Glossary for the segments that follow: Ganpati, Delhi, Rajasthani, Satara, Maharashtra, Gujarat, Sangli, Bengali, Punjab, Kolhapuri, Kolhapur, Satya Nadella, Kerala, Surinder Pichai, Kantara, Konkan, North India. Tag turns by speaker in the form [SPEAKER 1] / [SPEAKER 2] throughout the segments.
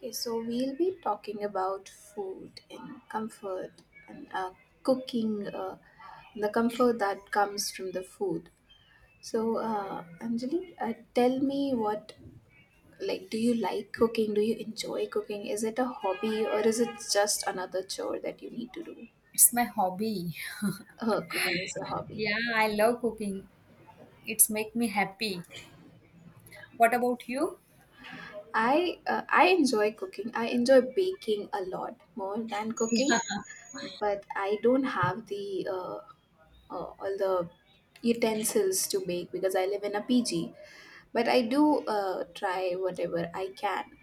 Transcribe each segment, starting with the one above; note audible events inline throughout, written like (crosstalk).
[SPEAKER 1] Okay, so we'll be talking about food and comfort and cooking, the comfort that comes from the food. So, Anjali, tell me what, like, do you like cooking? Do you enjoy cooking? Is it a hobby or is it just another chore that you need to do?
[SPEAKER 2] It's my hobby.
[SPEAKER 1] Cooking is your hobby.
[SPEAKER 2] Yeah, I love cooking. It's make me happy. What about you?
[SPEAKER 1] I enjoy cooking. I enjoy baking a lot more than cooking,
[SPEAKER 2] Yeah,
[SPEAKER 1] but I don't have the all the utensils to make because I live in a PG. But I do try whatever I can.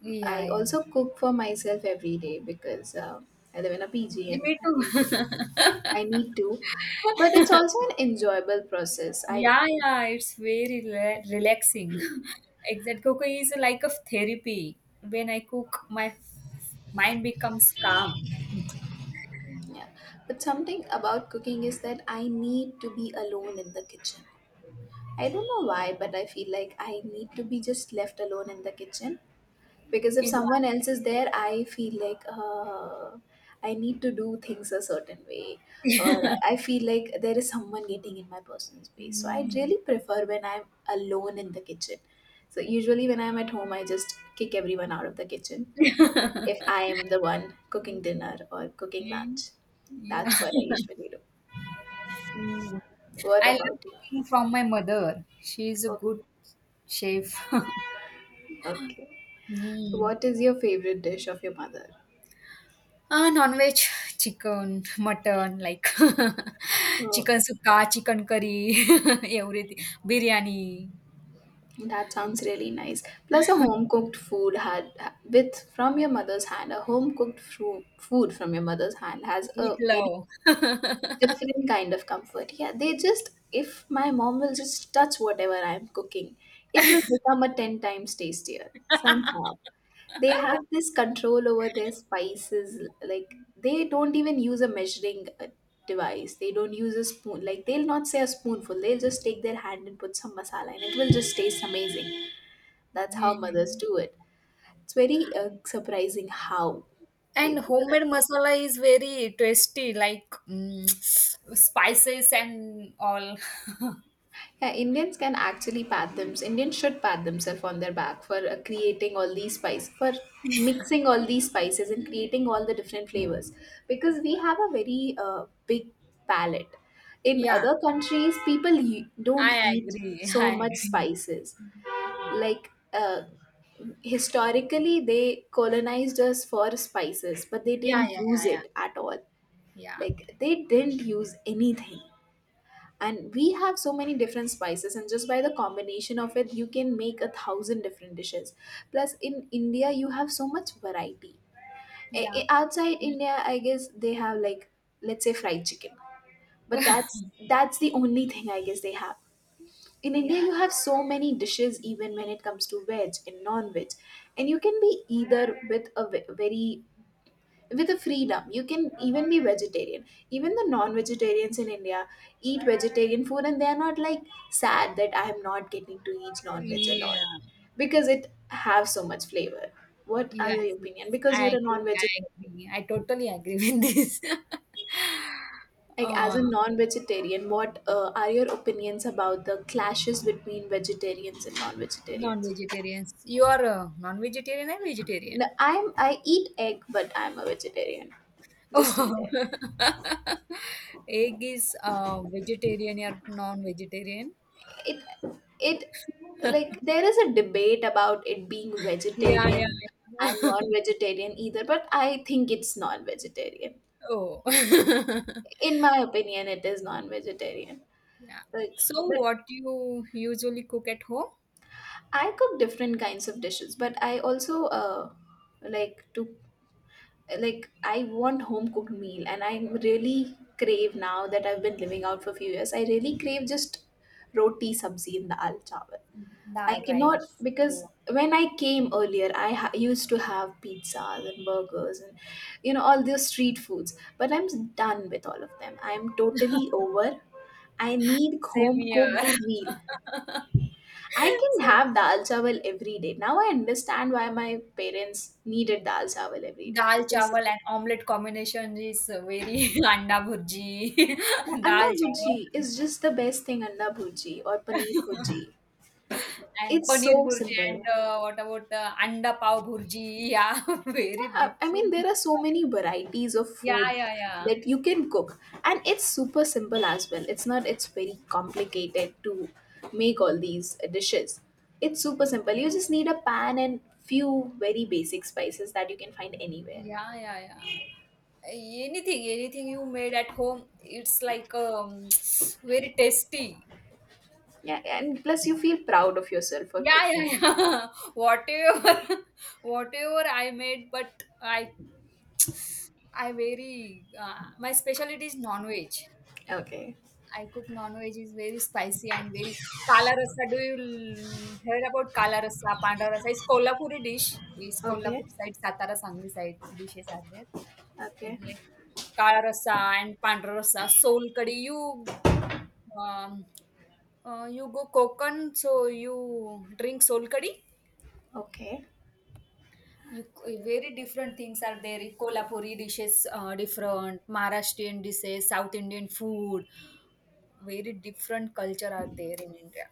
[SPEAKER 2] yeah,
[SPEAKER 1] I
[SPEAKER 2] yeah.
[SPEAKER 1] also cook for myself every day because I live in a PG
[SPEAKER 2] Yeah,
[SPEAKER 1] and
[SPEAKER 2] me
[SPEAKER 1] I need to.
[SPEAKER 2] too. (laughs)
[SPEAKER 1] I need to. But it's also an enjoyable process. I
[SPEAKER 2] Yeah, yeah. It's very relaxing. (laughs) Exact cooking is like a therapy. When I cook, mind becomes calm.
[SPEAKER 1] Yeah. But something about cooking is that I need to be alone in the kitchen. I don't know why, but I feel like I need to be just left alone in the kitchen, because if
[SPEAKER 2] Yeah.
[SPEAKER 1] someone else is there I feel like I need to do things a certain way, or I feel like there is someone getting in my personal space. So I
[SPEAKER 2] Mm.
[SPEAKER 1] really prefer when I'm alone in the kitchen. So usually when I'm at home, I just kick everyone out of the kitchen if I am the one cooking dinner or cooking
[SPEAKER 2] Mm.
[SPEAKER 1] lunch.
[SPEAKER 2] Yeah.
[SPEAKER 1] That's what I
[SPEAKER 2] (laughs)
[SPEAKER 1] usually do.
[SPEAKER 2] Mm.
[SPEAKER 1] What
[SPEAKER 2] I learned
[SPEAKER 1] about you?
[SPEAKER 2] cooking from my mother. She is a
[SPEAKER 1] Okay,
[SPEAKER 2] good chef. (laughs)
[SPEAKER 1] okay.
[SPEAKER 2] Mm.
[SPEAKER 1] What is your favorite dish of your mother?
[SPEAKER 2] Ah, non-veg, chicken, mutton, like (laughs)
[SPEAKER 1] Oh.
[SPEAKER 2] chicken sukka, chicken curry, (laughs) everything, biryani,
[SPEAKER 1] That sounds really nice. Plus, a home cooked food had with from your mother's hand. A home cooked food from your mother's hand has a very
[SPEAKER 2] meatloaf.
[SPEAKER 1] different kind of comfort. Yeah, they just if my mom will just touch whatever I'm cooking, it will become a ten times tastier somehow. They have
[SPEAKER 2] (laughs)
[SPEAKER 1] this control over their spices. Like they don't even use a measuring device. They don't use a spoon. Like they'll not say a spoonful. They'll just take their hand and put some masala, and it will just taste amazing. That's how mothers
[SPEAKER 2] Mm.
[SPEAKER 1] do it. It's very surprising how they
[SPEAKER 2] And
[SPEAKER 1] figure that
[SPEAKER 2] homemade
[SPEAKER 1] out.
[SPEAKER 2] masala is very tasty, like (sniffs) spices and all. (laughs)
[SPEAKER 1] Yeah, Indians can actually pat them. Indians should pat themselves on their back for creating all these spices, for mixing all these spices and creating all the different flavors, because we have a very big palate. In
[SPEAKER 2] Yeah,
[SPEAKER 1] other countries, people don't
[SPEAKER 2] I
[SPEAKER 1] eat
[SPEAKER 2] agree.
[SPEAKER 1] so
[SPEAKER 2] I
[SPEAKER 1] much
[SPEAKER 2] agree.
[SPEAKER 1] spices. Like historically, they colonized us for spices, but they
[SPEAKER 2] Yeah,
[SPEAKER 1] didn't
[SPEAKER 2] yeah,
[SPEAKER 1] use
[SPEAKER 2] yeah,
[SPEAKER 1] it at all.
[SPEAKER 2] yeah,
[SPEAKER 1] Like they didn't use anything, and we have so many different spices, and just by the combination of it you can make a thousand different dishes. Plus in India you have so much variety.
[SPEAKER 2] yeah,
[SPEAKER 1] Outside
[SPEAKER 2] yeah,
[SPEAKER 1] India I guess they have, like, let's say fried chicken, but that's
[SPEAKER 2] (laughs)
[SPEAKER 1] that's the only thing I guess they have. In India
[SPEAKER 2] yeah,
[SPEAKER 1] you have so many dishes even when it comes to veg and non-veg, and you can be, either with a very, with a freedom, you can even be vegetarian. Even the non-vegetarians in India eat vegetarian food and they are not like sad that I am not getting to eat non-veg a lot,
[SPEAKER 2] yeah.
[SPEAKER 1] because it have so much flavor. What are
[SPEAKER 2] Yes,
[SPEAKER 1] your
[SPEAKER 2] yes.
[SPEAKER 1] opinion, because
[SPEAKER 2] I
[SPEAKER 1] you're a
[SPEAKER 2] agree. I
[SPEAKER 1] non-vegetarian?
[SPEAKER 2] agree. I totally agree with this. (laughs)
[SPEAKER 1] Like, as
[SPEAKER 2] uh,
[SPEAKER 1] a non-vegetarian what are your opinions about the clashes between vegetarians and non-vegetarians?
[SPEAKER 2] non-vegetarians. You are a non-vegetarian and vegetarian.
[SPEAKER 1] No, I eat egg but I'm a vegetarian.
[SPEAKER 2] Oh.
[SPEAKER 1] Just eat egg.
[SPEAKER 2] (laughs) Egg is vegetarian or non-vegetarian.
[SPEAKER 1] it it Like
[SPEAKER 2] (laughs)
[SPEAKER 1] there is a debate about it being
[SPEAKER 2] Yeah,
[SPEAKER 1] vegetarian
[SPEAKER 2] yeah.
[SPEAKER 1] and
[SPEAKER 2] Yeah.
[SPEAKER 1] non-vegetarian either, but I think it's non-vegetarian.
[SPEAKER 2] (laughs) Oh. (laughs)
[SPEAKER 1] In my opinion it is non-vegetarian,
[SPEAKER 2] Yeah.
[SPEAKER 1] but,
[SPEAKER 2] So
[SPEAKER 1] but
[SPEAKER 2] what you usually cook at home?
[SPEAKER 1] I cook different kinds of dishes, but I also like to, like I want home cooked meal, and I really crave, now that I've been living out for a few years, I really crave just roti sabzi and dal chawal. I
[SPEAKER 2] Dal
[SPEAKER 1] cannot
[SPEAKER 2] rice.
[SPEAKER 1] because
[SPEAKER 2] Oh.
[SPEAKER 1] when I came earlier, I used to have pizzas and burgers and all those street foods. But I'm done with all of them. I'm totally over. I need
[SPEAKER 2] Same
[SPEAKER 1] home cooked
[SPEAKER 2] here. (laughs)
[SPEAKER 1] meal.
[SPEAKER 2] (laughs)
[SPEAKER 1] I can
[SPEAKER 2] So
[SPEAKER 1] have dal chawal every day. Now I understand why my parents needed dal chawal every day
[SPEAKER 2] dal
[SPEAKER 1] because
[SPEAKER 2] chawal and omelette combination is very (laughs) anda bhurji, (laughs)
[SPEAKER 1] anda
[SPEAKER 2] dal chawal
[SPEAKER 1] bhurji is just the best thing. Anda bhurji or paneer bhurji.
[SPEAKER 2] (laughs) and
[SPEAKER 1] It's
[SPEAKER 2] paneer
[SPEAKER 1] so
[SPEAKER 2] bhurji
[SPEAKER 1] simple.
[SPEAKER 2] and what about anda pav bhurji? Yeah, (laughs) very
[SPEAKER 1] Yeah, I mean,
[SPEAKER 2] different.
[SPEAKER 1] there are so many varieties of
[SPEAKER 2] Yeah,
[SPEAKER 1] food
[SPEAKER 2] yeah, yeah.
[SPEAKER 1] that you can cook, and it's super simple as well. It's not, it's very complicated to make all these dishes. It's super simple. You just need a pan and few very basic spices that you can find anywhere.
[SPEAKER 2] Yeah, yeah, yeah. Anything, anything you made at home, it's like (tsk) very tasty.
[SPEAKER 1] Yeah, and plus you feel proud of yourself for
[SPEAKER 2] Yeah,
[SPEAKER 1] cooking.
[SPEAKER 2] yeah, yeah. (laughs) Whatever, (laughs) whatever I made, but I, (tsk) I very my specialty is non-veg.
[SPEAKER 1] Okay,
[SPEAKER 2] I cook non-veg is very spicy and very kala rasa. Do heard about kala rasa, panda rasa? It's Kolhapuri dish. It's Kolhapur
[SPEAKER 1] okay,
[SPEAKER 2] side, Satara, Sangli side dishes are there.
[SPEAKER 1] okay,
[SPEAKER 2] It's like kala rasa and panda rasa, soul curry. You um, you go Konkan, so you drink soul curry.
[SPEAKER 1] okay.
[SPEAKER 2] You, very different things are there. Kolhapuri dishes, different Maharashtrian dishes, South Indian food, very different culture are there in India.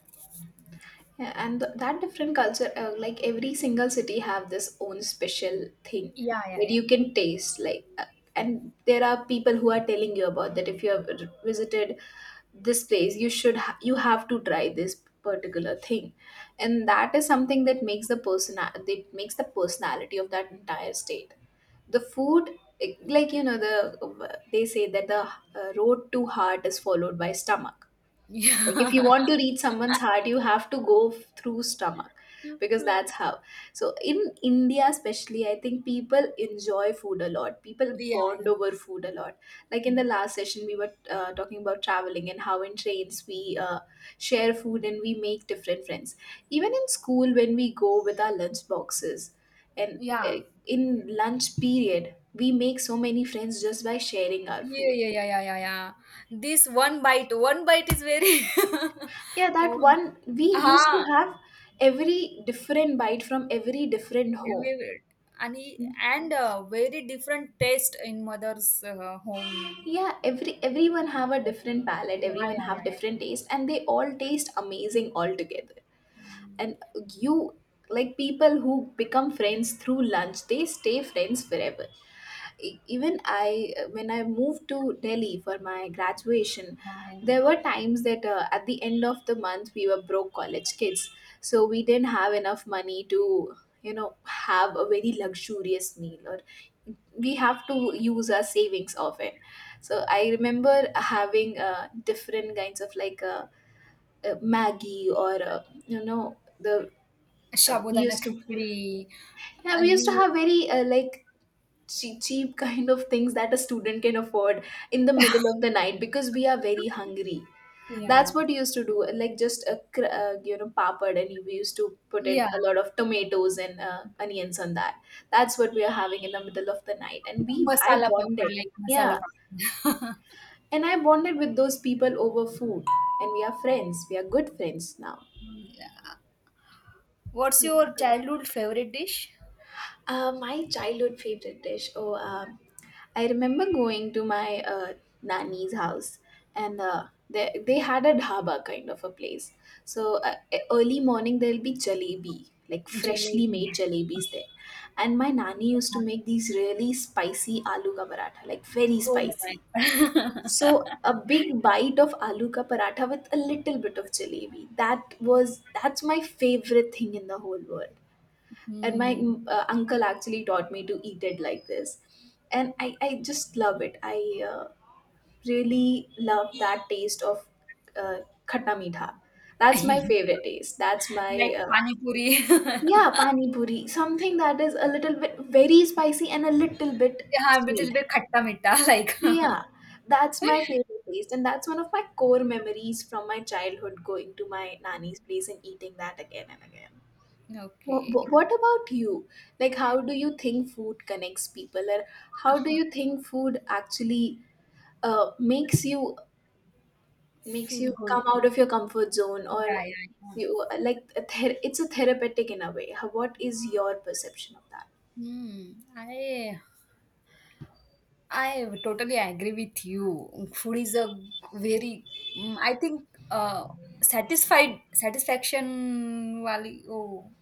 [SPEAKER 1] Yeah, and that different culture, like every single city have this own special thing
[SPEAKER 2] Yeah, yeah,
[SPEAKER 1] that
[SPEAKER 2] yeah.
[SPEAKER 1] you can taste. Like, and there are people who are telling you about that. If you have visited this place, you have to try this particular thing, and that is something that makes the person that makes the personality of that entire state. The food, like the they say that the road to heart is followed by stomach. Like if you
[SPEAKER 2] Yeah. (laughs)
[SPEAKER 1] want to reach someone's heart you have to go through stomach, because that's how. So in India especially I think people enjoy food a lot. People
[SPEAKER 2] Yeah,
[SPEAKER 1] bond
[SPEAKER 2] yeah,
[SPEAKER 1] over food a lot. Like in the
[SPEAKER 2] yeah.
[SPEAKER 1] last session we were talking about traveling and how in trains we share food and we make different friends. Even in school when we go with our lunch boxes and
[SPEAKER 2] Yeah.
[SPEAKER 1] uh, in lunch period we make so many friends just by sharing our
[SPEAKER 2] Yeah,
[SPEAKER 1] food.
[SPEAKER 2] yeah, yeah, yeah, yeah, yeah. This one bite is very
[SPEAKER 1] Yeah,
[SPEAKER 2] (laughs)
[SPEAKER 1] that
[SPEAKER 2] one,
[SPEAKER 1] one we used to
[SPEAKER 2] ah,
[SPEAKER 1] have, every different bite from every different home.
[SPEAKER 2] we- and very different taste in mother's home.
[SPEAKER 1] Yeah, everyone have a different palate,
[SPEAKER 2] Yeah,
[SPEAKER 1] everyone
[SPEAKER 2] yeah, yeah,
[SPEAKER 1] have
[SPEAKER 2] yeah.
[SPEAKER 1] different taste, and they all taste amazing altogether.
[SPEAKER 2] Mm,
[SPEAKER 1] And you like people who become friends through lunch, they stay friends forever. Even I, when I moved to Delhi for my graduation,
[SPEAKER 2] yeah, yeah.
[SPEAKER 1] there were times that at the end of the month we were broke college kids, so we didn't have enough money to have a very luxurious meal, or we have to use our savings of it. So I remember having different kinds of, like, maggie, or you know the, we
[SPEAKER 2] Sabudana
[SPEAKER 1] used to,
[SPEAKER 2] khichdi.
[SPEAKER 1] yeah,
[SPEAKER 2] Uh,
[SPEAKER 1] we used to
[SPEAKER 2] you,
[SPEAKER 1] have very, like, cheap kind of things that a student can afford in the middle of the night because we are very hungry.
[SPEAKER 2] yeah,
[SPEAKER 1] That's what we used to do, like just a you know papad, and we used to put it
[SPEAKER 2] yeah.
[SPEAKER 1] a lot of tomatoes and onions on that. That's what we are having in the middle of the night, and we I
[SPEAKER 2] Masala papad,
[SPEAKER 1] bonded.
[SPEAKER 2] like masala
[SPEAKER 1] Yeah,
[SPEAKER 2] papad.
[SPEAKER 1] and I bonded with those people over food, and we are good friends now.
[SPEAKER 2] (laughs) Yeah. What's your childhood favorite dish?
[SPEAKER 1] My childhood favorite dish. Oh, I remember going to my nanny's house, and they had a dhaba kind of a place. So early morning there'll be jalebi, like freshly
[SPEAKER 2] Jalebi.
[SPEAKER 1] made
[SPEAKER 2] (laughs)
[SPEAKER 1] jalebis there, and my nanny used to make these really spicy aloo ka paratha, like very
[SPEAKER 2] Oh
[SPEAKER 1] spicy.
[SPEAKER 2] my god.
[SPEAKER 1] So a
[SPEAKER 2] (laughs)
[SPEAKER 1] big bite of aloo ka paratha with a little bit of jalebi. That's my favorite thing in the whole world, and my
[SPEAKER 2] Hmm.
[SPEAKER 1] uncle actually taught me to eat it like this, and I just love it I uh, Really love that taste of uh, khatta meetha. That's my
[SPEAKER 2] (laughs)
[SPEAKER 1] favorite taste. That's my
[SPEAKER 2] Like
[SPEAKER 1] uh,
[SPEAKER 2] pani puri. (laughs)
[SPEAKER 1] yeah, pani puri, something that is a little bit very spicy and a little bit
[SPEAKER 2] Yeah, but it's a
[SPEAKER 1] sweet.
[SPEAKER 2] bit khatta mitta, like.
[SPEAKER 1] Yeah, that's my
[SPEAKER 2] (laughs)
[SPEAKER 1] favorite taste, and that's one of my core memories from my childhood, going to my nanny's place and eating that again and again. Wh-
[SPEAKER 2] Okay.
[SPEAKER 1] wh- What about you? Like, how do you think food connects people, or how do you think food actually makes you makes
[SPEAKER 2] Feel
[SPEAKER 1] you
[SPEAKER 2] good.
[SPEAKER 1] come out of your comfort zone,
[SPEAKER 2] Yeah,
[SPEAKER 1] or
[SPEAKER 2] yeah, yeah.
[SPEAKER 1] you like it's a therapeutic in a way. How, what is your perception of that?
[SPEAKER 2] Hmm. I totally agree with you. Food is a very mm, I think satisfied satisfaction wali oh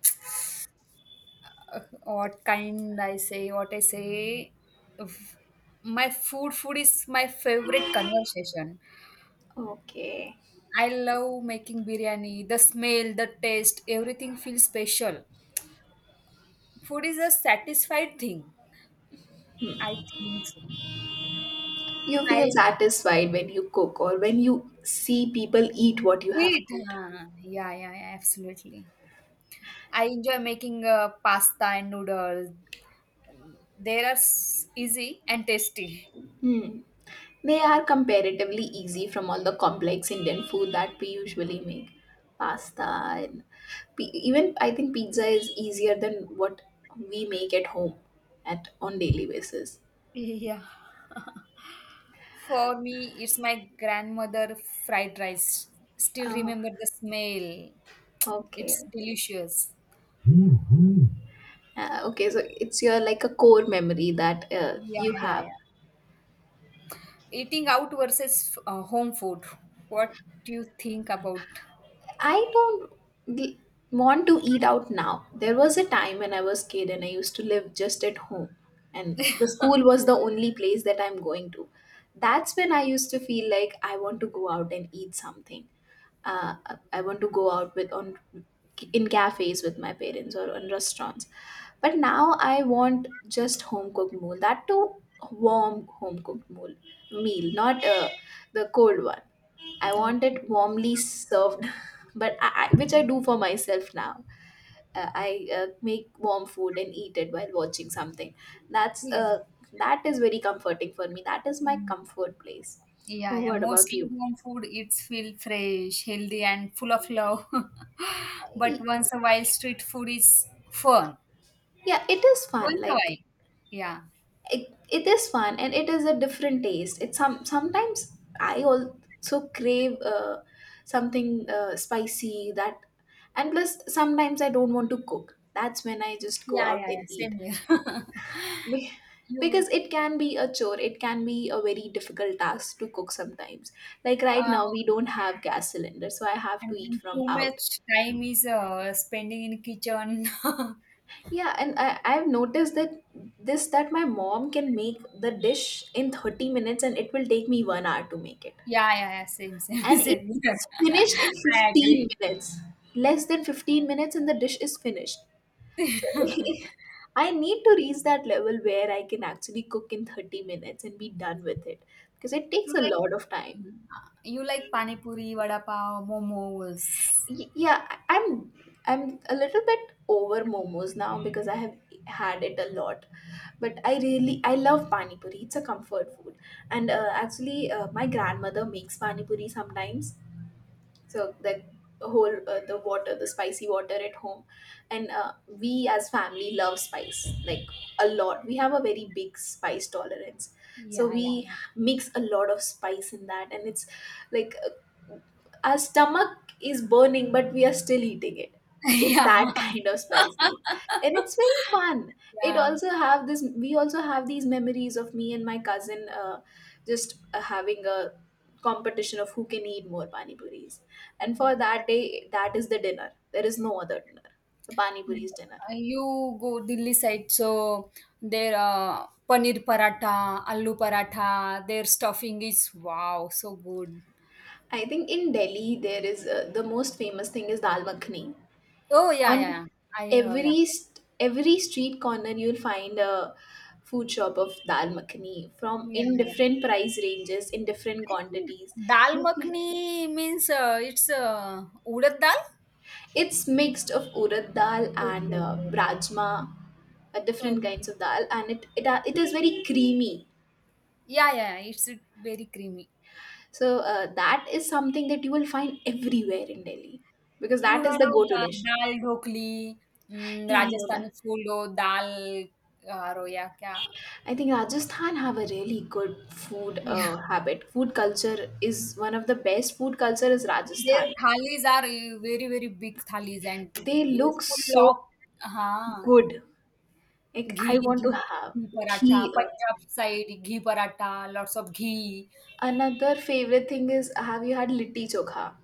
[SPEAKER 2] what kind I say, what I say. v- My food is my favorite conversation.
[SPEAKER 1] Okay,
[SPEAKER 2] I love making biryani. The smell, the taste, everything feels special. Food is a satisfied thing. I think so.
[SPEAKER 1] you feel
[SPEAKER 2] I
[SPEAKER 1] satisfied when you cook or when you see people eat what you have
[SPEAKER 2] eat.
[SPEAKER 1] cooked.
[SPEAKER 2] Huh? Yeah, yeah, yeah, absolutely. I enjoy making pasta and noodles. They are easy and tasty.
[SPEAKER 1] Hmm. They are comparatively easy from all the complex Indian food that we usually make. Pasta and even I think pizza is easier than what we make at home at on daily basis.
[SPEAKER 2] (laughs) Yeah. For me, it's my grandmother fried rice. Still
[SPEAKER 1] Oh,
[SPEAKER 2] remember the smell. It's
[SPEAKER 1] okay.
[SPEAKER 2] delicious.
[SPEAKER 1] Okay, so it's your like a core memory that
[SPEAKER 2] Yeah,
[SPEAKER 1] you
[SPEAKER 2] yeah,
[SPEAKER 1] have.
[SPEAKER 2] yeah. Eating out versus home food. What do you think about?
[SPEAKER 1] I don't li- want to eat out now. There was a time when I was kid and I used to live just at home, and the school was the only place that I'm going to. That's when I used to feel like I want to go out and eat something. uh, I want to go out with on in cafes with my parents or in restaurants. But now I want just home cooked meal. That too warm home cooked meal, not the cold one. I want
[SPEAKER 2] Okay.
[SPEAKER 1] it warmly served, (laughs) but I, which I
[SPEAKER 2] Um,
[SPEAKER 1] do for myself now. I make warm food and eat it while watching something. That's
[SPEAKER 2] yeah.
[SPEAKER 1] uh, that is very comforting for me. That is my
[SPEAKER 2] Mm,
[SPEAKER 1] comfort place.
[SPEAKER 2] yeah, yeah.
[SPEAKER 1] What about
[SPEAKER 2] Mostly
[SPEAKER 1] you?
[SPEAKER 2] home food, it's feel fresh, healthy, and full of love. (laughs) But
[SPEAKER 1] Y-
[SPEAKER 2] once a while, street food is fun.
[SPEAKER 1] Yeah, it is fun.
[SPEAKER 2] Once a
[SPEAKER 1] Like
[SPEAKER 2] while. Yeah.
[SPEAKER 1] it is fun and it is a different taste. It's sometimes. I also crave something spicy, that and plus sometimes I don't want to cook. That's when I just go
[SPEAKER 2] Yeah,
[SPEAKER 1] out
[SPEAKER 2] yeah,
[SPEAKER 1] and
[SPEAKER 2] yeah.
[SPEAKER 1] eat.
[SPEAKER 2] Same here. (laughs)
[SPEAKER 1] Be-
[SPEAKER 2] You,
[SPEAKER 1] because it can be a chore. It can be a very difficult task to cook sometimes. Like right
[SPEAKER 2] uh,
[SPEAKER 1] now we don't have gas cylinder, so I have to
[SPEAKER 2] and
[SPEAKER 1] eat from
[SPEAKER 2] too
[SPEAKER 1] out.
[SPEAKER 2] much time is spending in kitchen. (laughs)
[SPEAKER 1] Yeah, and I've noticed that this that my mom can make the dish in 30 minutes and it will take me 1 hour to make it,
[SPEAKER 2] Yeah, yeah, yeah, same, same, (laughs)
[SPEAKER 1] and
[SPEAKER 2] same.
[SPEAKER 1] it's
[SPEAKER 2] (laughs)
[SPEAKER 1] finished in
[SPEAKER 2] I
[SPEAKER 1] 15
[SPEAKER 2] agree.
[SPEAKER 1] minutes. Less than 15 minutes and the dish is finished. So
[SPEAKER 2] (laughs)
[SPEAKER 1] (laughs) I need to reach that level where I can actually cook in 30 minutes and be done with it, because it takes
[SPEAKER 2] You
[SPEAKER 1] a
[SPEAKER 2] like
[SPEAKER 1] lot of time.
[SPEAKER 2] you like pani puri, vada pav, momos.
[SPEAKER 1] I'm a little bit over momos now because I have had it a lot. But I really I love pani puri. It's a comfort food, and actually my grandmother makes pani puri sometimes. So the whole the water, the spicy water at home. And we as family love spice, like a lot. We have a very big spice tolerance, so
[SPEAKER 2] Yeah, yeah,
[SPEAKER 1] we
[SPEAKER 2] yeah.
[SPEAKER 1] mix a lot of spice in that, and it's like our stomach is burning, but we are still eating it.
[SPEAKER 2] (laughs)
[SPEAKER 1] It's
[SPEAKER 2] Yeah.
[SPEAKER 1] that (laughs) kind of spicy, and
[SPEAKER 2] (laughs)
[SPEAKER 1] it's very fun. It
[SPEAKER 2] Yeah.
[SPEAKER 1] also have this. We also have these memories of me and my cousin, just having a competition of who can eat more pani puris. And for
[SPEAKER 2] Yeah.
[SPEAKER 1] that day, that is the dinner. There is no other dinner. The pani puris dinner.
[SPEAKER 2] You go Delhi side, so their paneer paratha, aloo paratha, their stuffing is wow, so good.
[SPEAKER 1] I think in Delhi there is the most famous thing is dal makhani.
[SPEAKER 2] Oh, yeah,
[SPEAKER 1] On
[SPEAKER 2] yeah, yeah. I heard of
[SPEAKER 1] every
[SPEAKER 2] it.
[SPEAKER 1] every street corner you'll find a food shop of dal makhani, from
[SPEAKER 2] Yeah,
[SPEAKER 1] in
[SPEAKER 2] yeah.
[SPEAKER 1] different price ranges in different
[SPEAKER 2] I think
[SPEAKER 1] quantities.
[SPEAKER 2] dal
[SPEAKER 1] You can,
[SPEAKER 2] makhni means it's urad dal.
[SPEAKER 1] it's mixed of urad dal
[SPEAKER 2] Okay,
[SPEAKER 1] and
[SPEAKER 2] okay.
[SPEAKER 1] rajma, different
[SPEAKER 2] Okay.
[SPEAKER 1] kinds of dal, and it is very creamy.
[SPEAKER 2] Yeah, yeah. It's very creamy.
[SPEAKER 1] So that is something that you will find everywhere in Delhi, because
[SPEAKER 2] You
[SPEAKER 1] that is
[SPEAKER 2] heard
[SPEAKER 1] the
[SPEAKER 2] of
[SPEAKER 1] go to
[SPEAKER 2] the
[SPEAKER 1] dish.
[SPEAKER 2] dal dhokli, mm,
[SPEAKER 1] Yeah, I know that.
[SPEAKER 2] Rajasthani food, or dal roya kya?
[SPEAKER 1] I think Rajasthan have a really good food
[SPEAKER 2] Yeah.
[SPEAKER 1] habit. Food culture is one of the best food culture is
[SPEAKER 2] Their
[SPEAKER 1] Rajasthan.
[SPEAKER 2] thalis are very, very big thalis and
[SPEAKER 1] They
[SPEAKER 2] it's
[SPEAKER 1] look
[SPEAKER 2] full
[SPEAKER 1] so
[SPEAKER 2] of हाँ,
[SPEAKER 1] good. Like I
[SPEAKER 2] ghee,
[SPEAKER 1] want to
[SPEAKER 2] ghee,
[SPEAKER 1] have
[SPEAKER 2] ghee paratha,
[SPEAKER 1] ghee.
[SPEAKER 2] Punjab side ghee paratha, lots of ghee.
[SPEAKER 1] Another favorite thing is, have you had litti chokha?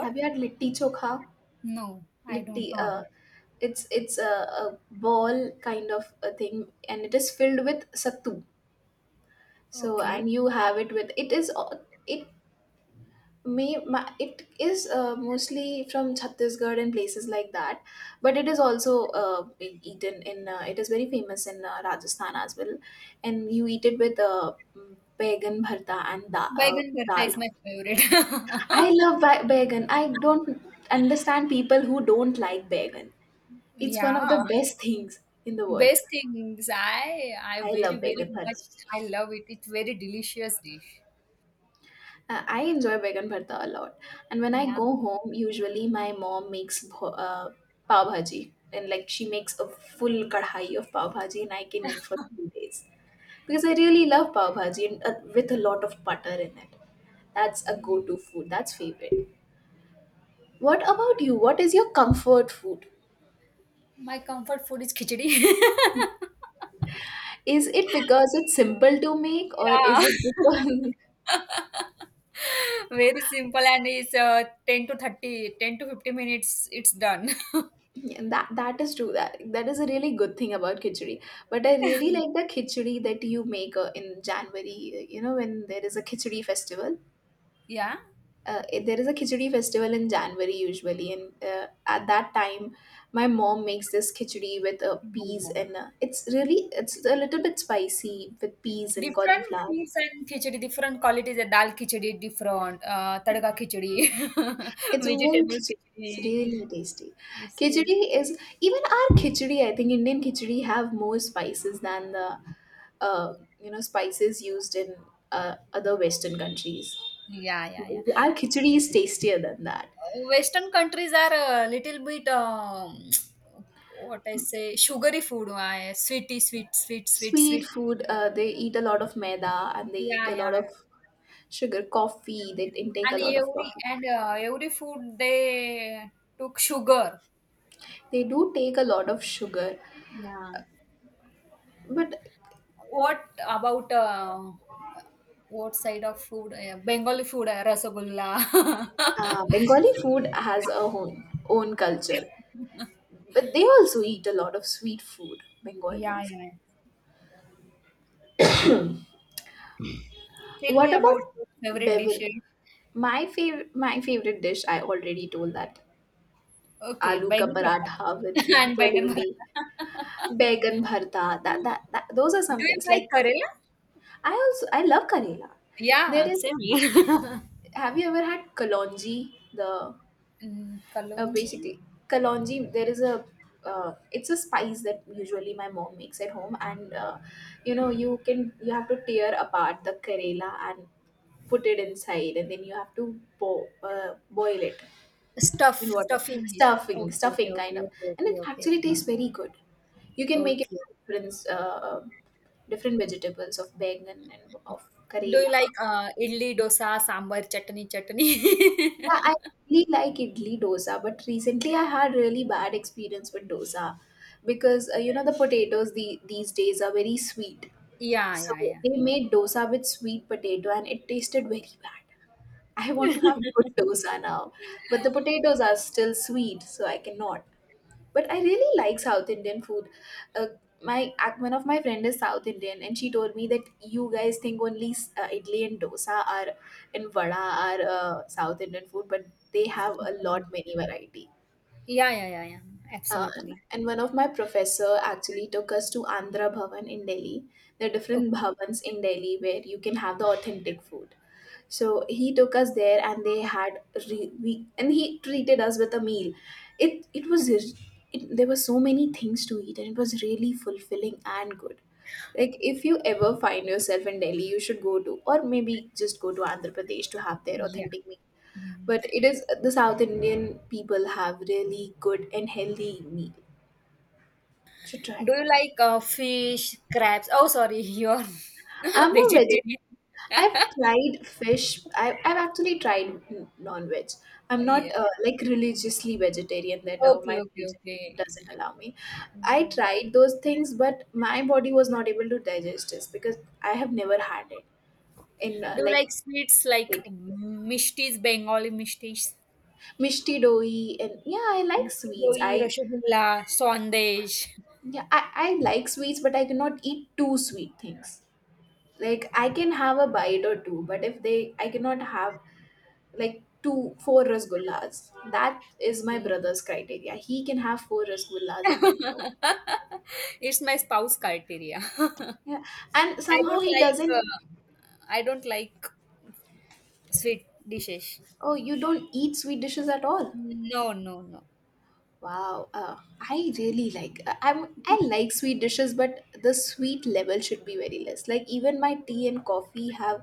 [SPEAKER 1] Have you had litti chokha?
[SPEAKER 2] No, I don't
[SPEAKER 1] Litti.
[SPEAKER 2] know about.
[SPEAKER 1] It's a ball kind of a thing, and it is filled with sattu. So and
[SPEAKER 2] Okay.
[SPEAKER 1] you have it with, it is it it is mostly from Chhattisgarh and places like that, but it is also being eaten in. It is very famous in Rajasthan as well, and you eat it with baigan bharta and
[SPEAKER 2] Baigan bharta
[SPEAKER 1] dal.
[SPEAKER 2] is my favorite.
[SPEAKER 1] I love
[SPEAKER 2] (laughs)
[SPEAKER 1] baigan. I don't understand people who don't like baigan. It's one of
[SPEAKER 2] Yeah,
[SPEAKER 1] the best things in the world.
[SPEAKER 2] best things. I
[SPEAKER 1] I
[SPEAKER 2] very
[SPEAKER 1] love
[SPEAKER 2] very
[SPEAKER 1] baigan bharta.
[SPEAKER 2] much I love it. It's very delicious dish.
[SPEAKER 1] I enjoy vegan bharta a lot. And when I
[SPEAKER 2] Yeah.
[SPEAKER 1] go home, usually my mom makes pav bhaji. And like she makes a full kadhai of pav bhaji and I can eat for 2 days. Because I really love pav bhaji, and with a lot of butter in it. That's a go-to food. That's favorite. What about you? What is your comfort food?
[SPEAKER 2] My comfort food is khichdi. (laughs)
[SPEAKER 1] Is it because it's simple to make, or is
[SPEAKER 2] Yeah.
[SPEAKER 1] it because (laughs)
[SPEAKER 2] (laughs) Very simple and it's 10 to 50 minutes it's done.
[SPEAKER 1] Yeah, that that is true. That that is a really good thing about khichdi. But I really
[SPEAKER 2] (laughs)
[SPEAKER 1] like the khichdi that you make in January. Uh, you know, when there is a khichdi festival.
[SPEAKER 2] Yeah.
[SPEAKER 1] It- there is a khichdi festival in January usually, and at that time, my mom makes this khichdi with peas, and it's really, it's a little bit spicy, with peas and
[SPEAKER 2] Different
[SPEAKER 1] cauliflower.
[SPEAKER 2] things and khichdi, different qualities. The dal khichdi different, tadka khichdi, (laughs)
[SPEAKER 1] It's a moong
[SPEAKER 2] vegetable
[SPEAKER 1] khichdi. It's
[SPEAKER 2] khichdi.
[SPEAKER 1] really tasty.
[SPEAKER 2] It's very
[SPEAKER 1] Khichdi is even our khichdi. I think Indian khichdi have more spices than the uh, you know, spices used in uh, other Western countries.
[SPEAKER 2] yeah, yeah, yeah.
[SPEAKER 1] Our khichdi is tastier than that.
[SPEAKER 2] Western countries are a little bit what I say, sugary food, sweet,
[SPEAKER 1] Sweet
[SPEAKER 2] sweet.
[SPEAKER 1] food. They eat a lot of maida and they eat
[SPEAKER 2] Yeah,
[SPEAKER 1] a lot
[SPEAKER 2] yeah.
[SPEAKER 1] of sugar. Coffee. They intake a
[SPEAKER 2] And
[SPEAKER 1] lot of
[SPEAKER 2] every
[SPEAKER 1] coffee.
[SPEAKER 2] and uh, every food they took sugar.
[SPEAKER 1] They do take a lot of sugar,
[SPEAKER 2] Yeah.
[SPEAKER 1] but
[SPEAKER 2] What about what side of food? Bengali food, rasagulla. (laughs)
[SPEAKER 1] Bengali food has a own own culture. But they also eat a lot of sweet food,
[SPEAKER 2] Yeah,
[SPEAKER 1] Bengalis.
[SPEAKER 2] yeah. Tell
[SPEAKER 1] What
[SPEAKER 2] me about
[SPEAKER 1] about
[SPEAKER 2] your favorite
[SPEAKER 1] bever?
[SPEAKER 2] dishes.
[SPEAKER 1] My favorite dish. I already told that.
[SPEAKER 2] Okay,
[SPEAKER 1] Aloo ka
[SPEAKER 2] bangan bharta
[SPEAKER 1] paratha with
[SPEAKER 2] (laughs) and bangan
[SPEAKER 1] jalebi,
[SPEAKER 2] bharta. (laughs)
[SPEAKER 1] baigan bharta. That, that that those are
[SPEAKER 2] Do
[SPEAKER 1] some
[SPEAKER 2] you
[SPEAKER 1] things.
[SPEAKER 2] like
[SPEAKER 1] Like
[SPEAKER 2] Kerala?
[SPEAKER 1] I also I love Karela.
[SPEAKER 2] Yeah,
[SPEAKER 1] There is.
[SPEAKER 2] same. (laughs)
[SPEAKER 1] Have you ever had kalonji? The
[SPEAKER 2] Mm, kalonji.
[SPEAKER 1] basically kalonji. There is a. It's a spice that usually my mom makes at home, and you know, you can, you have to tear apart the karela and put it inside, and then you have to boil it
[SPEAKER 2] Stuff,
[SPEAKER 1] in water.
[SPEAKER 2] stuffing is
[SPEAKER 1] Stuffing,
[SPEAKER 2] okay,
[SPEAKER 1] stuffing
[SPEAKER 2] okay,
[SPEAKER 1] kind of.
[SPEAKER 2] okay,
[SPEAKER 1] And it
[SPEAKER 2] okay, okay.
[SPEAKER 1] actually tastes very good. You can make it
[SPEAKER 2] Okay.
[SPEAKER 1] different, different vegetables of bengan and of
[SPEAKER 2] Do you
[SPEAKER 1] karela.
[SPEAKER 2] like idli, dosa, sambar, chutney, chutney? (laughs)
[SPEAKER 1] Yeah, I really like idli dosa, but recently I had really bad experience with dosa, because you know, the potatoes these days are very sweet.
[SPEAKER 2] Yeah,
[SPEAKER 1] So
[SPEAKER 2] yeah, yeah.
[SPEAKER 1] they made dosa with sweet potato and it tasted very bad. I want to have good dosa now, but the potatoes are still sweet, so I cannot. But I really like South Indian food. Uh, my one of my friend is South Indian, and she told me that you guys think only idli and dosa are and vada are South Indian food, but they have a lot many variety.
[SPEAKER 2] Yeah, yeah, yeah, yeah.
[SPEAKER 1] Uh,
[SPEAKER 2] Absolutely.
[SPEAKER 1] and one of my professor actually took us to Andhra Bhavan in Delhi. There are different
[SPEAKER 2] Okay.
[SPEAKER 1] bhavans in Delhi where you can have the authentic food. So he took us there and they had we, and he treated us with a meal. It was, there were so many things to eat and it was really fulfilling and good. Like if you ever find yourself in Delhi, you should go to, or maybe just go to Andhra Pradesh to have their
[SPEAKER 2] Yeah.
[SPEAKER 1] authentic meal.
[SPEAKER 2] Mm.
[SPEAKER 1] But it is the South Indian people have really good and healthy meal. Should try.
[SPEAKER 2] Do you like fish, crabs? Oh, sorry, (laughs) you're
[SPEAKER 1] I'm a vegetarian.
[SPEAKER 2] vegetarian. (laughs)
[SPEAKER 1] I've tried fish. I've actually tried non-veg.
[SPEAKER 2] Oh,
[SPEAKER 1] I'm
[SPEAKER 2] yeah.
[SPEAKER 1] not like religiously vegetarian that
[SPEAKER 2] Okay,
[SPEAKER 1] my
[SPEAKER 2] okay,
[SPEAKER 1] religion
[SPEAKER 2] okay.
[SPEAKER 1] doesn't allow me. I
[SPEAKER 2] Mm.
[SPEAKER 1] tried those things, but my body was not able to digest this because I have never had it in
[SPEAKER 2] Do you
[SPEAKER 1] like
[SPEAKER 2] like sweets like
[SPEAKER 1] eating.
[SPEAKER 2] mishtis, Bengali mishtis?
[SPEAKER 1] Mishti doi, and yeah, I like
[SPEAKER 2] Mishti
[SPEAKER 1] sweets.
[SPEAKER 2] doi,
[SPEAKER 1] I
[SPEAKER 2] rasgulla, sandesh.
[SPEAKER 1] yeah, I like sweets, but I cannot eat too sweet things. Like I can have a bite or two, but if they, I cannot have like two four rasgullas. That is my
[SPEAKER 2] Okay.
[SPEAKER 1] brother's criteria. He can have four rasgullas in one go.
[SPEAKER 2] (laughs) It's my spouse criteria. (laughs)
[SPEAKER 1] Yeah, and
[SPEAKER 2] I
[SPEAKER 1] somehow
[SPEAKER 2] don't
[SPEAKER 1] he
[SPEAKER 2] like
[SPEAKER 1] doesn't.
[SPEAKER 2] uh, I don't like sweet dishes.
[SPEAKER 1] Oh, you don't eat sweet dishes at all?
[SPEAKER 2] No, no, no.
[SPEAKER 1] Wow. Uh, I really like I like sweet dishes, but the sweet level should be very less. Like even my tea and coffee have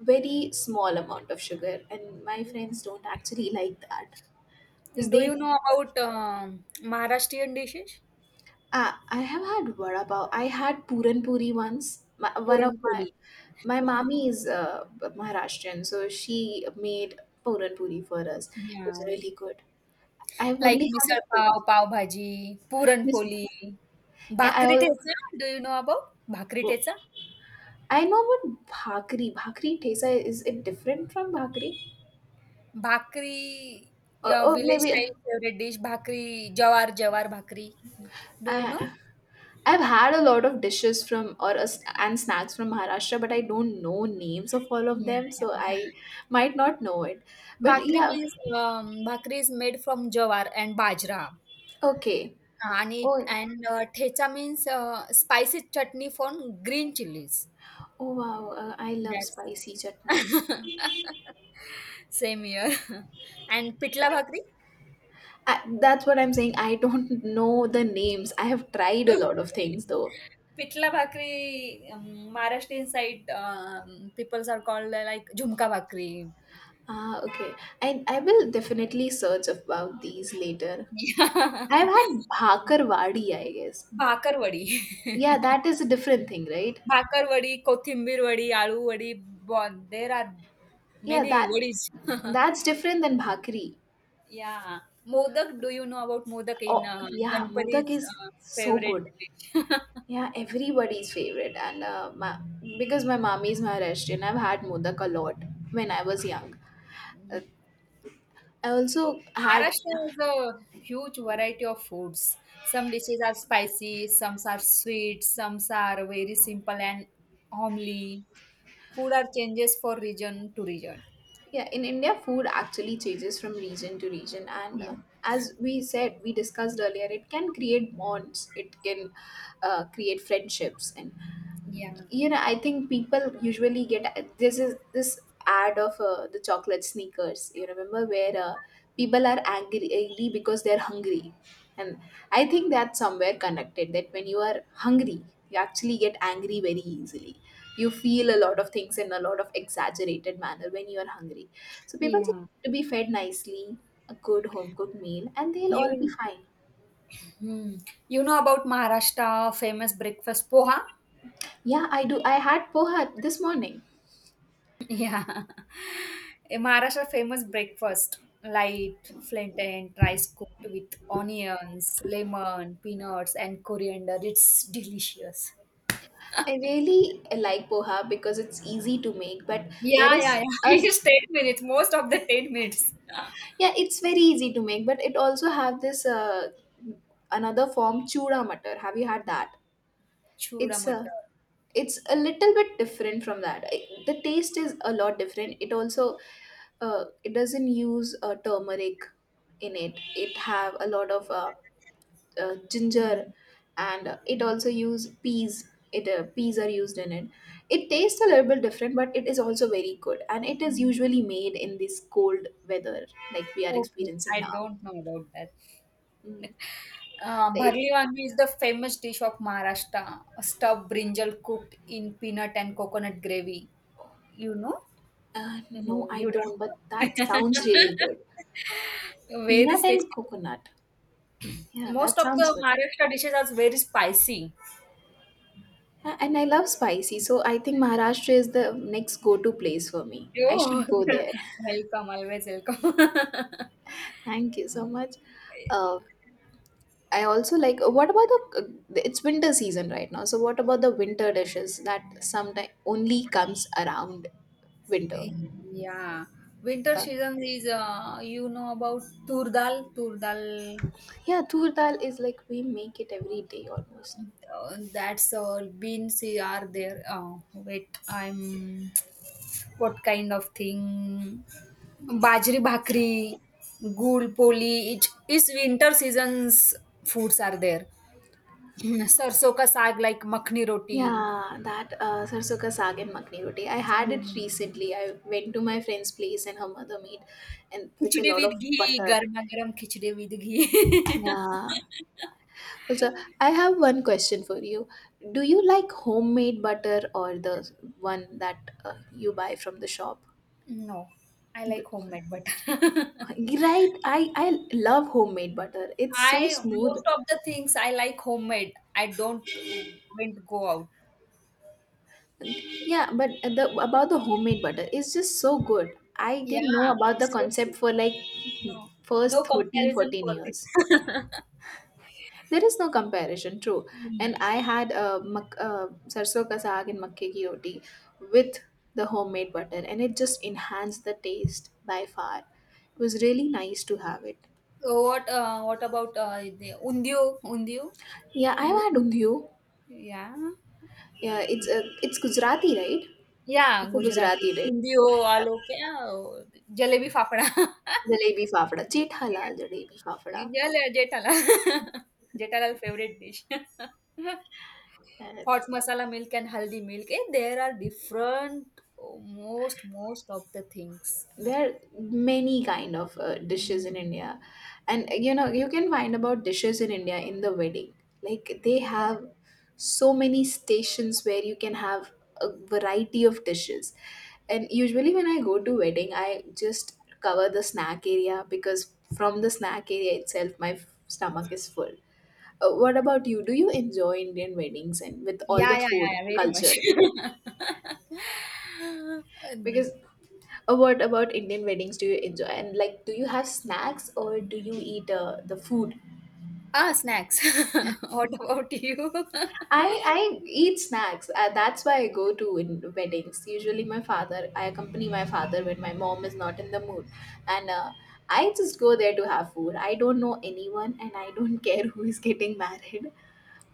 [SPEAKER 1] very small amount of sugar, and my
[SPEAKER 2] Yeah.
[SPEAKER 1] friends don't actually like that because
[SPEAKER 2] Do
[SPEAKER 1] they.
[SPEAKER 2] you know about Maharashtrian dishes?
[SPEAKER 1] Ah, I have had vada pav. I had puran puri once. My, one of
[SPEAKER 2] Puran
[SPEAKER 1] my.
[SPEAKER 2] poli.
[SPEAKER 1] My mommy is Maharashtrian, so she made puran puri for us. It was
[SPEAKER 2] Yeah.
[SPEAKER 1] really good. I've
[SPEAKER 2] Like
[SPEAKER 1] only had
[SPEAKER 2] misal
[SPEAKER 1] it
[SPEAKER 2] pav,
[SPEAKER 1] once.
[SPEAKER 2] pav bhaji, puran
[SPEAKER 1] Miss,
[SPEAKER 2] poli,
[SPEAKER 1] yeah, I
[SPEAKER 2] bhakri
[SPEAKER 1] all.
[SPEAKER 2] tesa. Do you know about bhakri tesa?
[SPEAKER 1] I know what bhakri. Bhakri tesa is, it different from bhakri?
[SPEAKER 2] Bhakri, your
[SPEAKER 1] Or
[SPEAKER 2] village
[SPEAKER 1] maybe
[SPEAKER 2] style favorite dish, bhakri, jawar bhakri. Do you know?
[SPEAKER 1] I. I've had a lot of dishes from or a, and snacks from Maharashtra, but I don't know names of all of
[SPEAKER 2] Yeah,
[SPEAKER 1] them,
[SPEAKER 2] yeah,
[SPEAKER 1] so
[SPEAKER 2] yeah.
[SPEAKER 1] I might not know it. But
[SPEAKER 2] Bhakri
[SPEAKER 1] yeah,
[SPEAKER 2] means bhakri is made from jawar and bajra.
[SPEAKER 1] okay.
[SPEAKER 2] Ani
[SPEAKER 1] Oh,
[SPEAKER 2] and thecha means spicy chutney from green chilies.
[SPEAKER 1] oh wow! I love
[SPEAKER 2] That's
[SPEAKER 1] spicy chutneys.
[SPEAKER 2] (laughs) same here. (laughs) And pitla bhakri,
[SPEAKER 1] I, that's what I'm saying. I don't know the names. I have tried a
[SPEAKER 2] okay.
[SPEAKER 1] lot of things though.
[SPEAKER 2] Pitla bhakri. Maharashtra side people are called like jhunka bhakri.
[SPEAKER 1] Ah, okay. I will definitely search about these later.
[SPEAKER 2] Yeah. (laughs)
[SPEAKER 1] I've had Bhakarwadi, I guess.
[SPEAKER 2] Bhakar wadi, (laughs)
[SPEAKER 1] Yeah, that is a different thing, right?
[SPEAKER 2] kothimbir wadi, aloo wadi. There are
[SPEAKER 1] Yeah,
[SPEAKER 2] many
[SPEAKER 1] that
[SPEAKER 2] wadies. (laughs)
[SPEAKER 1] that's different than bhakri.
[SPEAKER 2] Yeah. Modak, do you know about modak in
[SPEAKER 1] Oh, yeah, modak
[SPEAKER 2] Ganpati's
[SPEAKER 1] is so
[SPEAKER 2] favorite
[SPEAKER 1] good.
[SPEAKER 2] dish? (laughs)
[SPEAKER 1] Yeah, everybody's favorite. And my, because my mommy is Maharashtrian, I've had modak a lot when I
[SPEAKER 2] Okay.
[SPEAKER 1] was young. Uh,
[SPEAKER 2] Mm.
[SPEAKER 1] I also had.
[SPEAKER 2] Maharashtra has a huge variety of foods. Some dishes are spicy, some are sweet, some are very simple and homely. Food are changes for region to region.
[SPEAKER 1] Yeah, in India, food actually changes from region to region, and
[SPEAKER 2] Yeah.
[SPEAKER 1] as we said, we discussed earlier, it can create bonds, it can create friendships, and
[SPEAKER 2] Yeah.
[SPEAKER 1] I think people usually get this ad of the chocolate sneakers. You remember where people are angry because they're hungry, and I think that's somewhere connected, that when you are hungry, you actually get angry very easily. You feel a lot of things in a lot of exaggerated manner when you are hungry. So people just
[SPEAKER 2] Yeah.
[SPEAKER 1] need to be fed nicely, a good home cooked meal, and they'll all be
[SPEAKER 2] You,
[SPEAKER 1] fine.
[SPEAKER 2] hmm. You know about Maharashtra famous breakfast poha?
[SPEAKER 1] Yeah, I do, I had poha this morning.
[SPEAKER 2] (laughs) Yeah. A Maharashtra famous breakfast light, flint and rice cooked with onions, lemon, peanuts, and coriander. It's delicious.
[SPEAKER 1] I really like poha because it's easy to make, but there
[SPEAKER 2] Yeah, yeah,
[SPEAKER 1] is
[SPEAKER 2] yeah. (laughs)
[SPEAKER 1] a,
[SPEAKER 2] It's 10 minutes, most of the 10 minutes.
[SPEAKER 1] yeah, it's very easy to make, but it also have this another form, chura matar. Have you had that?
[SPEAKER 2] Chuda
[SPEAKER 1] It's a,
[SPEAKER 2] matar.
[SPEAKER 1] it's a little bit different from that. I the taste is a lot different. It also it doesn't use turmeric in it. It have a lot of ginger, and it also use peas, it peas are used in it. It tastes a little bit different, but it is also very good, and it is
[SPEAKER 2] Mm,
[SPEAKER 1] usually made in this cold weather like we are
[SPEAKER 2] okay,
[SPEAKER 1] experiencing
[SPEAKER 2] I
[SPEAKER 1] now.
[SPEAKER 2] don't know about that.
[SPEAKER 1] Mm.
[SPEAKER 2] Bharli
[SPEAKER 1] It-
[SPEAKER 2] wangi is the famous dish of Maharashtra, a stuffed brinjal cooked in peanut and coconut gravy. You know?
[SPEAKER 1] uh, no,
[SPEAKER 2] No,
[SPEAKER 1] I
[SPEAKER 2] you don't
[SPEAKER 1] don't, but
[SPEAKER 2] know.
[SPEAKER 1] that sounds really good.
[SPEAKER 2] (laughs) Very
[SPEAKER 1] Peanut
[SPEAKER 2] tasty.
[SPEAKER 1] and coconut, yeah,
[SPEAKER 2] Most
[SPEAKER 1] that
[SPEAKER 2] of the
[SPEAKER 1] sounds good.
[SPEAKER 2] Maharashtra dishes are very spicy.
[SPEAKER 1] Yeah, and I love spicy, so I think Maharashtra is the next go-to place for me. I
[SPEAKER 2] Oh,
[SPEAKER 1] should go there.
[SPEAKER 2] (laughs) welcome, always welcome. (laughs)
[SPEAKER 1] (laughs) Thank you so much. uh, I also like, what about the it's winter season right now. So what about the winter dishes that sometimes only comes around winter?
[SPEAKER 2] Yeah, winter
[SPEAKER 1] Uh,
[SPEAKER 2] season is you know about tur dal, tur dal.
[SPEAKER 1] yeah, tur dal is like we make it every day almost.
[SPEAKER 2] That's all beans are there. Oh, wait, I'm what kind of thing? Bajri bhakri, gul poli. It is winter season's foods are there. (laughs) (clears throat) Sarso ka saag like makhni roti.
[SPEAKER 1] Yeah, that sarson ka saag and makhni roti. I had it
[SPEAKER 2] Yeah.
[SPEAKER 1] recently. I went to my friend's place and her mother made, and with a
[SPEAKER 2] Khichdi
[SPEAKER 1] lot
[SPEAKER 2] with
[SPEAKER 1] of
[SPEAKER 2] ghee,
[SPEAKER 1] butter.
[SPEAKER 2] garma garam khichdi with ghee. (laughs)
[SPEAKER 1] Yeah. Also, I have one question for you. Do you like homemade butter or the one that you buy from the shop?
[SPEAKER 2] No, I
[SPEAKER 1] D-
[SPEAKER 2] like homemade butter. (laughs)
[SPEAKER 1] Right, I love homemade butter. It's so
[SPEAKER 2] I
[SPEAKER 1] smooth.
[SPEAKER 2] most of the things I like homemade. I don't won't go out.
[SPEAKER 1] Yeah, but the about the homemade butter, it's just so good. I didn't
[SPEAKER 2] Yeah,
[SPEAKER 1] know about the
[SPEAKER 2] so
[SPEAKER 1] concept
[SPEAKER 2] true.
[SPEAKER 1] for like
[SPEAKER 2] No,
[SPEAKER 1] first
[SPEAKER 2] no
[SPEAKER 1] 13
[SPEAKER 2] comparison
[SPEAKER 1] 14
[SPEAKER 2] for
[SPEAKER 1] years.
[SPEAKER 2] this. (laughs)
[SPEAKER 1] There is no comparison, true. And
[SPEAKER 2] Mm.
[SPEAKER 1] I had sarso ka saag and makke ki roti with the homemade butter, and it just enhanced the taste by far. It was really nice to have it.
[SPEAKER 2] So what about the undio? Undio?
[SPEAKER 1] Yeah, I've
[SPEAKER 2] You,
[SPEAKER 1] had undhiyo.
[SPEAKER 2] yeah.
[SPEAKER 1] Yeah, it's a, it's Gujarati, right?
[SPEAKER 2] Yeah,
[SPEAKER 1] It's a
[SPEAKER 2] Gujarati.
[SPEAKER 1] Gujarati dish.
[SPEAKER 2] Undio,
[SPEAKER 1] Yeah.
[SPEAKER 2] aloo, kya? Jalebi fafda.
[SPEAKER 1] Jalebi Fafda, Chet
[SPEAKER 2] (laughs)
[SPEAKER 1] Halal
[SPEAKER 2] Yeah.
[SPEAKER 1] Jalebi Fafda.
[SPEAKER 2] Yeah, Jethal. Jethalal (laughs) favorite dish. (laughs)
[SPEAKER 1] And
[SPEAKER 2] Hot masala milk and haldi milk. Eh, there are different oh, most of the things.
[SPEAKER 1] there are many kind of dishes in India, and you know, you can find about dishes in India in the wedding. Like they
[SPEAKER 2] Yeah,
[SPEAKER 1] have so many stations where you can have a variety of dishes. And usually when I go to wedding, I just cover the snack area because from the snack area itself, my f- stomach is full. What about you? Do you enjoy Indian weddings and with all
[SPEAKER 2] yeah,
[SPEAKER 1] the
[SPEAKER 2] yeah,
[SPEAKER 1] food
[SPEAKER 2] yeah, yeah, very much.
[SPEAKER 1] culture?
[SPEAKER 2] (laughs)
[SPEAKER 1] Because
[SPEAKER 2] And-
[SPEAKER 1] What about Indian weddings do you enjoy? And like, do you have snacks or do you eat the food?
[SPEAKER 2] ah, snacks. (laughs) What about you?
[SPEAKER 1] I
[SPEAKER 2] (laughs)
[SPEAKER 1] I eat snacks. That's why I go to in weddings. Usually, my father, I accompany my father when my mom is not in the mood, and I just go there to have food. I don't know anyone, and I don't (laughs) care who is getting married,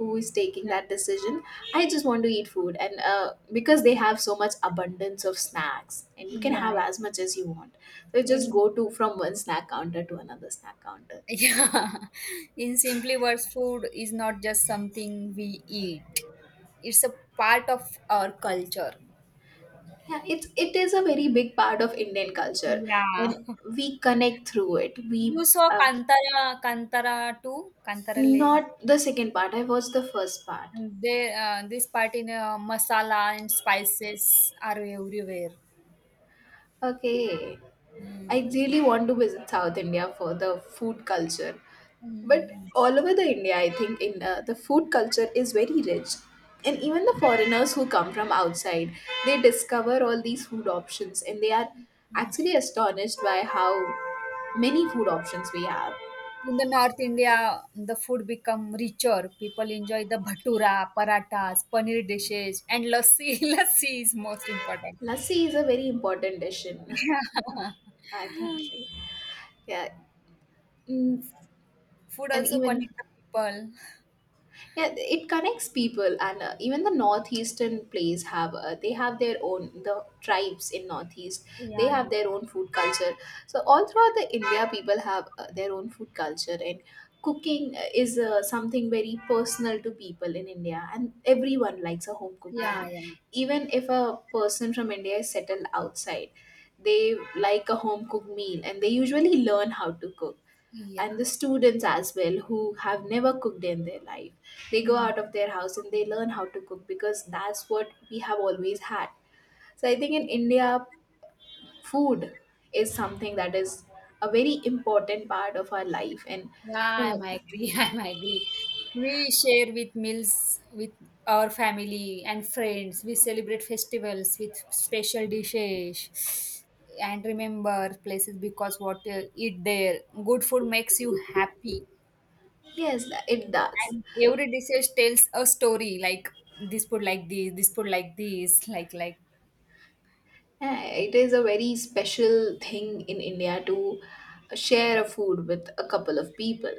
[SPEAKER 1] who is taking that decision. I just want to eat food, and because they have so much abundance of snacks and you can
[SPEAKER 2] Yeah,
[SPEAKER 1] have as much as you want, so you just
[SPEAKER 2] in
[SPEAKER 1] go to from one snack counter to another snack counter.
[SPEAKER 2] yeah, (laughs) in simply words, food is not just something we eat. It's a part of our culture.
[SPEAKER 1] Yeah, it's, it is a very big part of Indian culture,
[SPEAKER 2] Yeah.
[SPEAKER 1] and we connect through it, we
[SPEAKER 2] You saw
[SPEAKER 1] uh,
[SPEAKER 2] Kantara, Kantara too? Kantara le,
[SPEAKER 1] not the second part, I watched the first part.
[SPEAKER 2] they, this part in masala and spices are everywhere.
[SPEAKER 1] Okay, I
[SPEAKER 2] Mm.
[SPEAKER 1] really want to visit South India for the food culture. But
[SPEAKER 2] Mm.
[SPEAKER 1] all over the India, I think in the food culture is very rich. And even the foreigners who come from outside, they discover all these food options, and they are
[SPEAKER 2] Ah.
[SPEAKER 1] actually astonished by how many food options we have.
[SPEAKER 2] In the North India, the food become richer. People enjoy the bhatura, parathas, paneer dishes, and lassi. (laughs) Lassi is most important.
[SPEAKER 1] Lassi is a very important dish in (laughs)
[SPEAKER 2] (laughs)
[SPEAKER 1] our country. Yeah. Mm.
[SPEAKER 2] Food
[SPEAKER 1] And
[SPEAKER 2] also
[SPEAKER 1] even,
[SPEAKER 2] connect the people.
[SPEAKER 1] yeah, it connects people, and even the northeastern plays have they have their own the tribes in northeast.
[SPEAKER 2] Yeah,
[SPEAKER 1] They have
[SPEAKER 2] yeah,
[SPEAKER 1] their own food culture. So all throughout the India, people have their own food culture, and cooking is something very personal to people in India, and everyone likes a home cooked meal,
[SPEAKER 2] yeah, yeah,
[SPEAKER 1] even if a person from India is settled outside. They like a home cooked meal, and they usually learn how to cook. And the students as well, who have never cooked in their life, they go
[SPEAKER 2] yeah. Hmm.
[SPEAKER 1] out of their house and they learn how to cook because that's what we have always had. So I think in India, food is something that is a very important part of our life. And you
[SPEAKER 2] Yeah, I'm
[SPEAKER 1] know,
[SPEAKER 2] agree. (laughs) I'm agree. We share with meals with our family and friends. We celebrate festivals with special dishes and remember places because what eat there. Good food makes you happy,
[SPEAKER 1] yes, it does.
[SPEAKER 2] and every dish tells a story. Like this food, like this. This food, like this. Like
[SPEAKER 1] Yeah, it is a very special thing in India to share a food with a couple of people.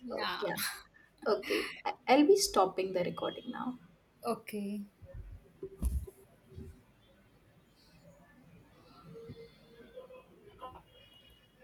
[SPEAKER 1] So
[SPEAKER 2] yeah.
[SPEAKER 1] yeah, okay, I- I'll be stopping the recording now.
[SPEAKER 2] Okay.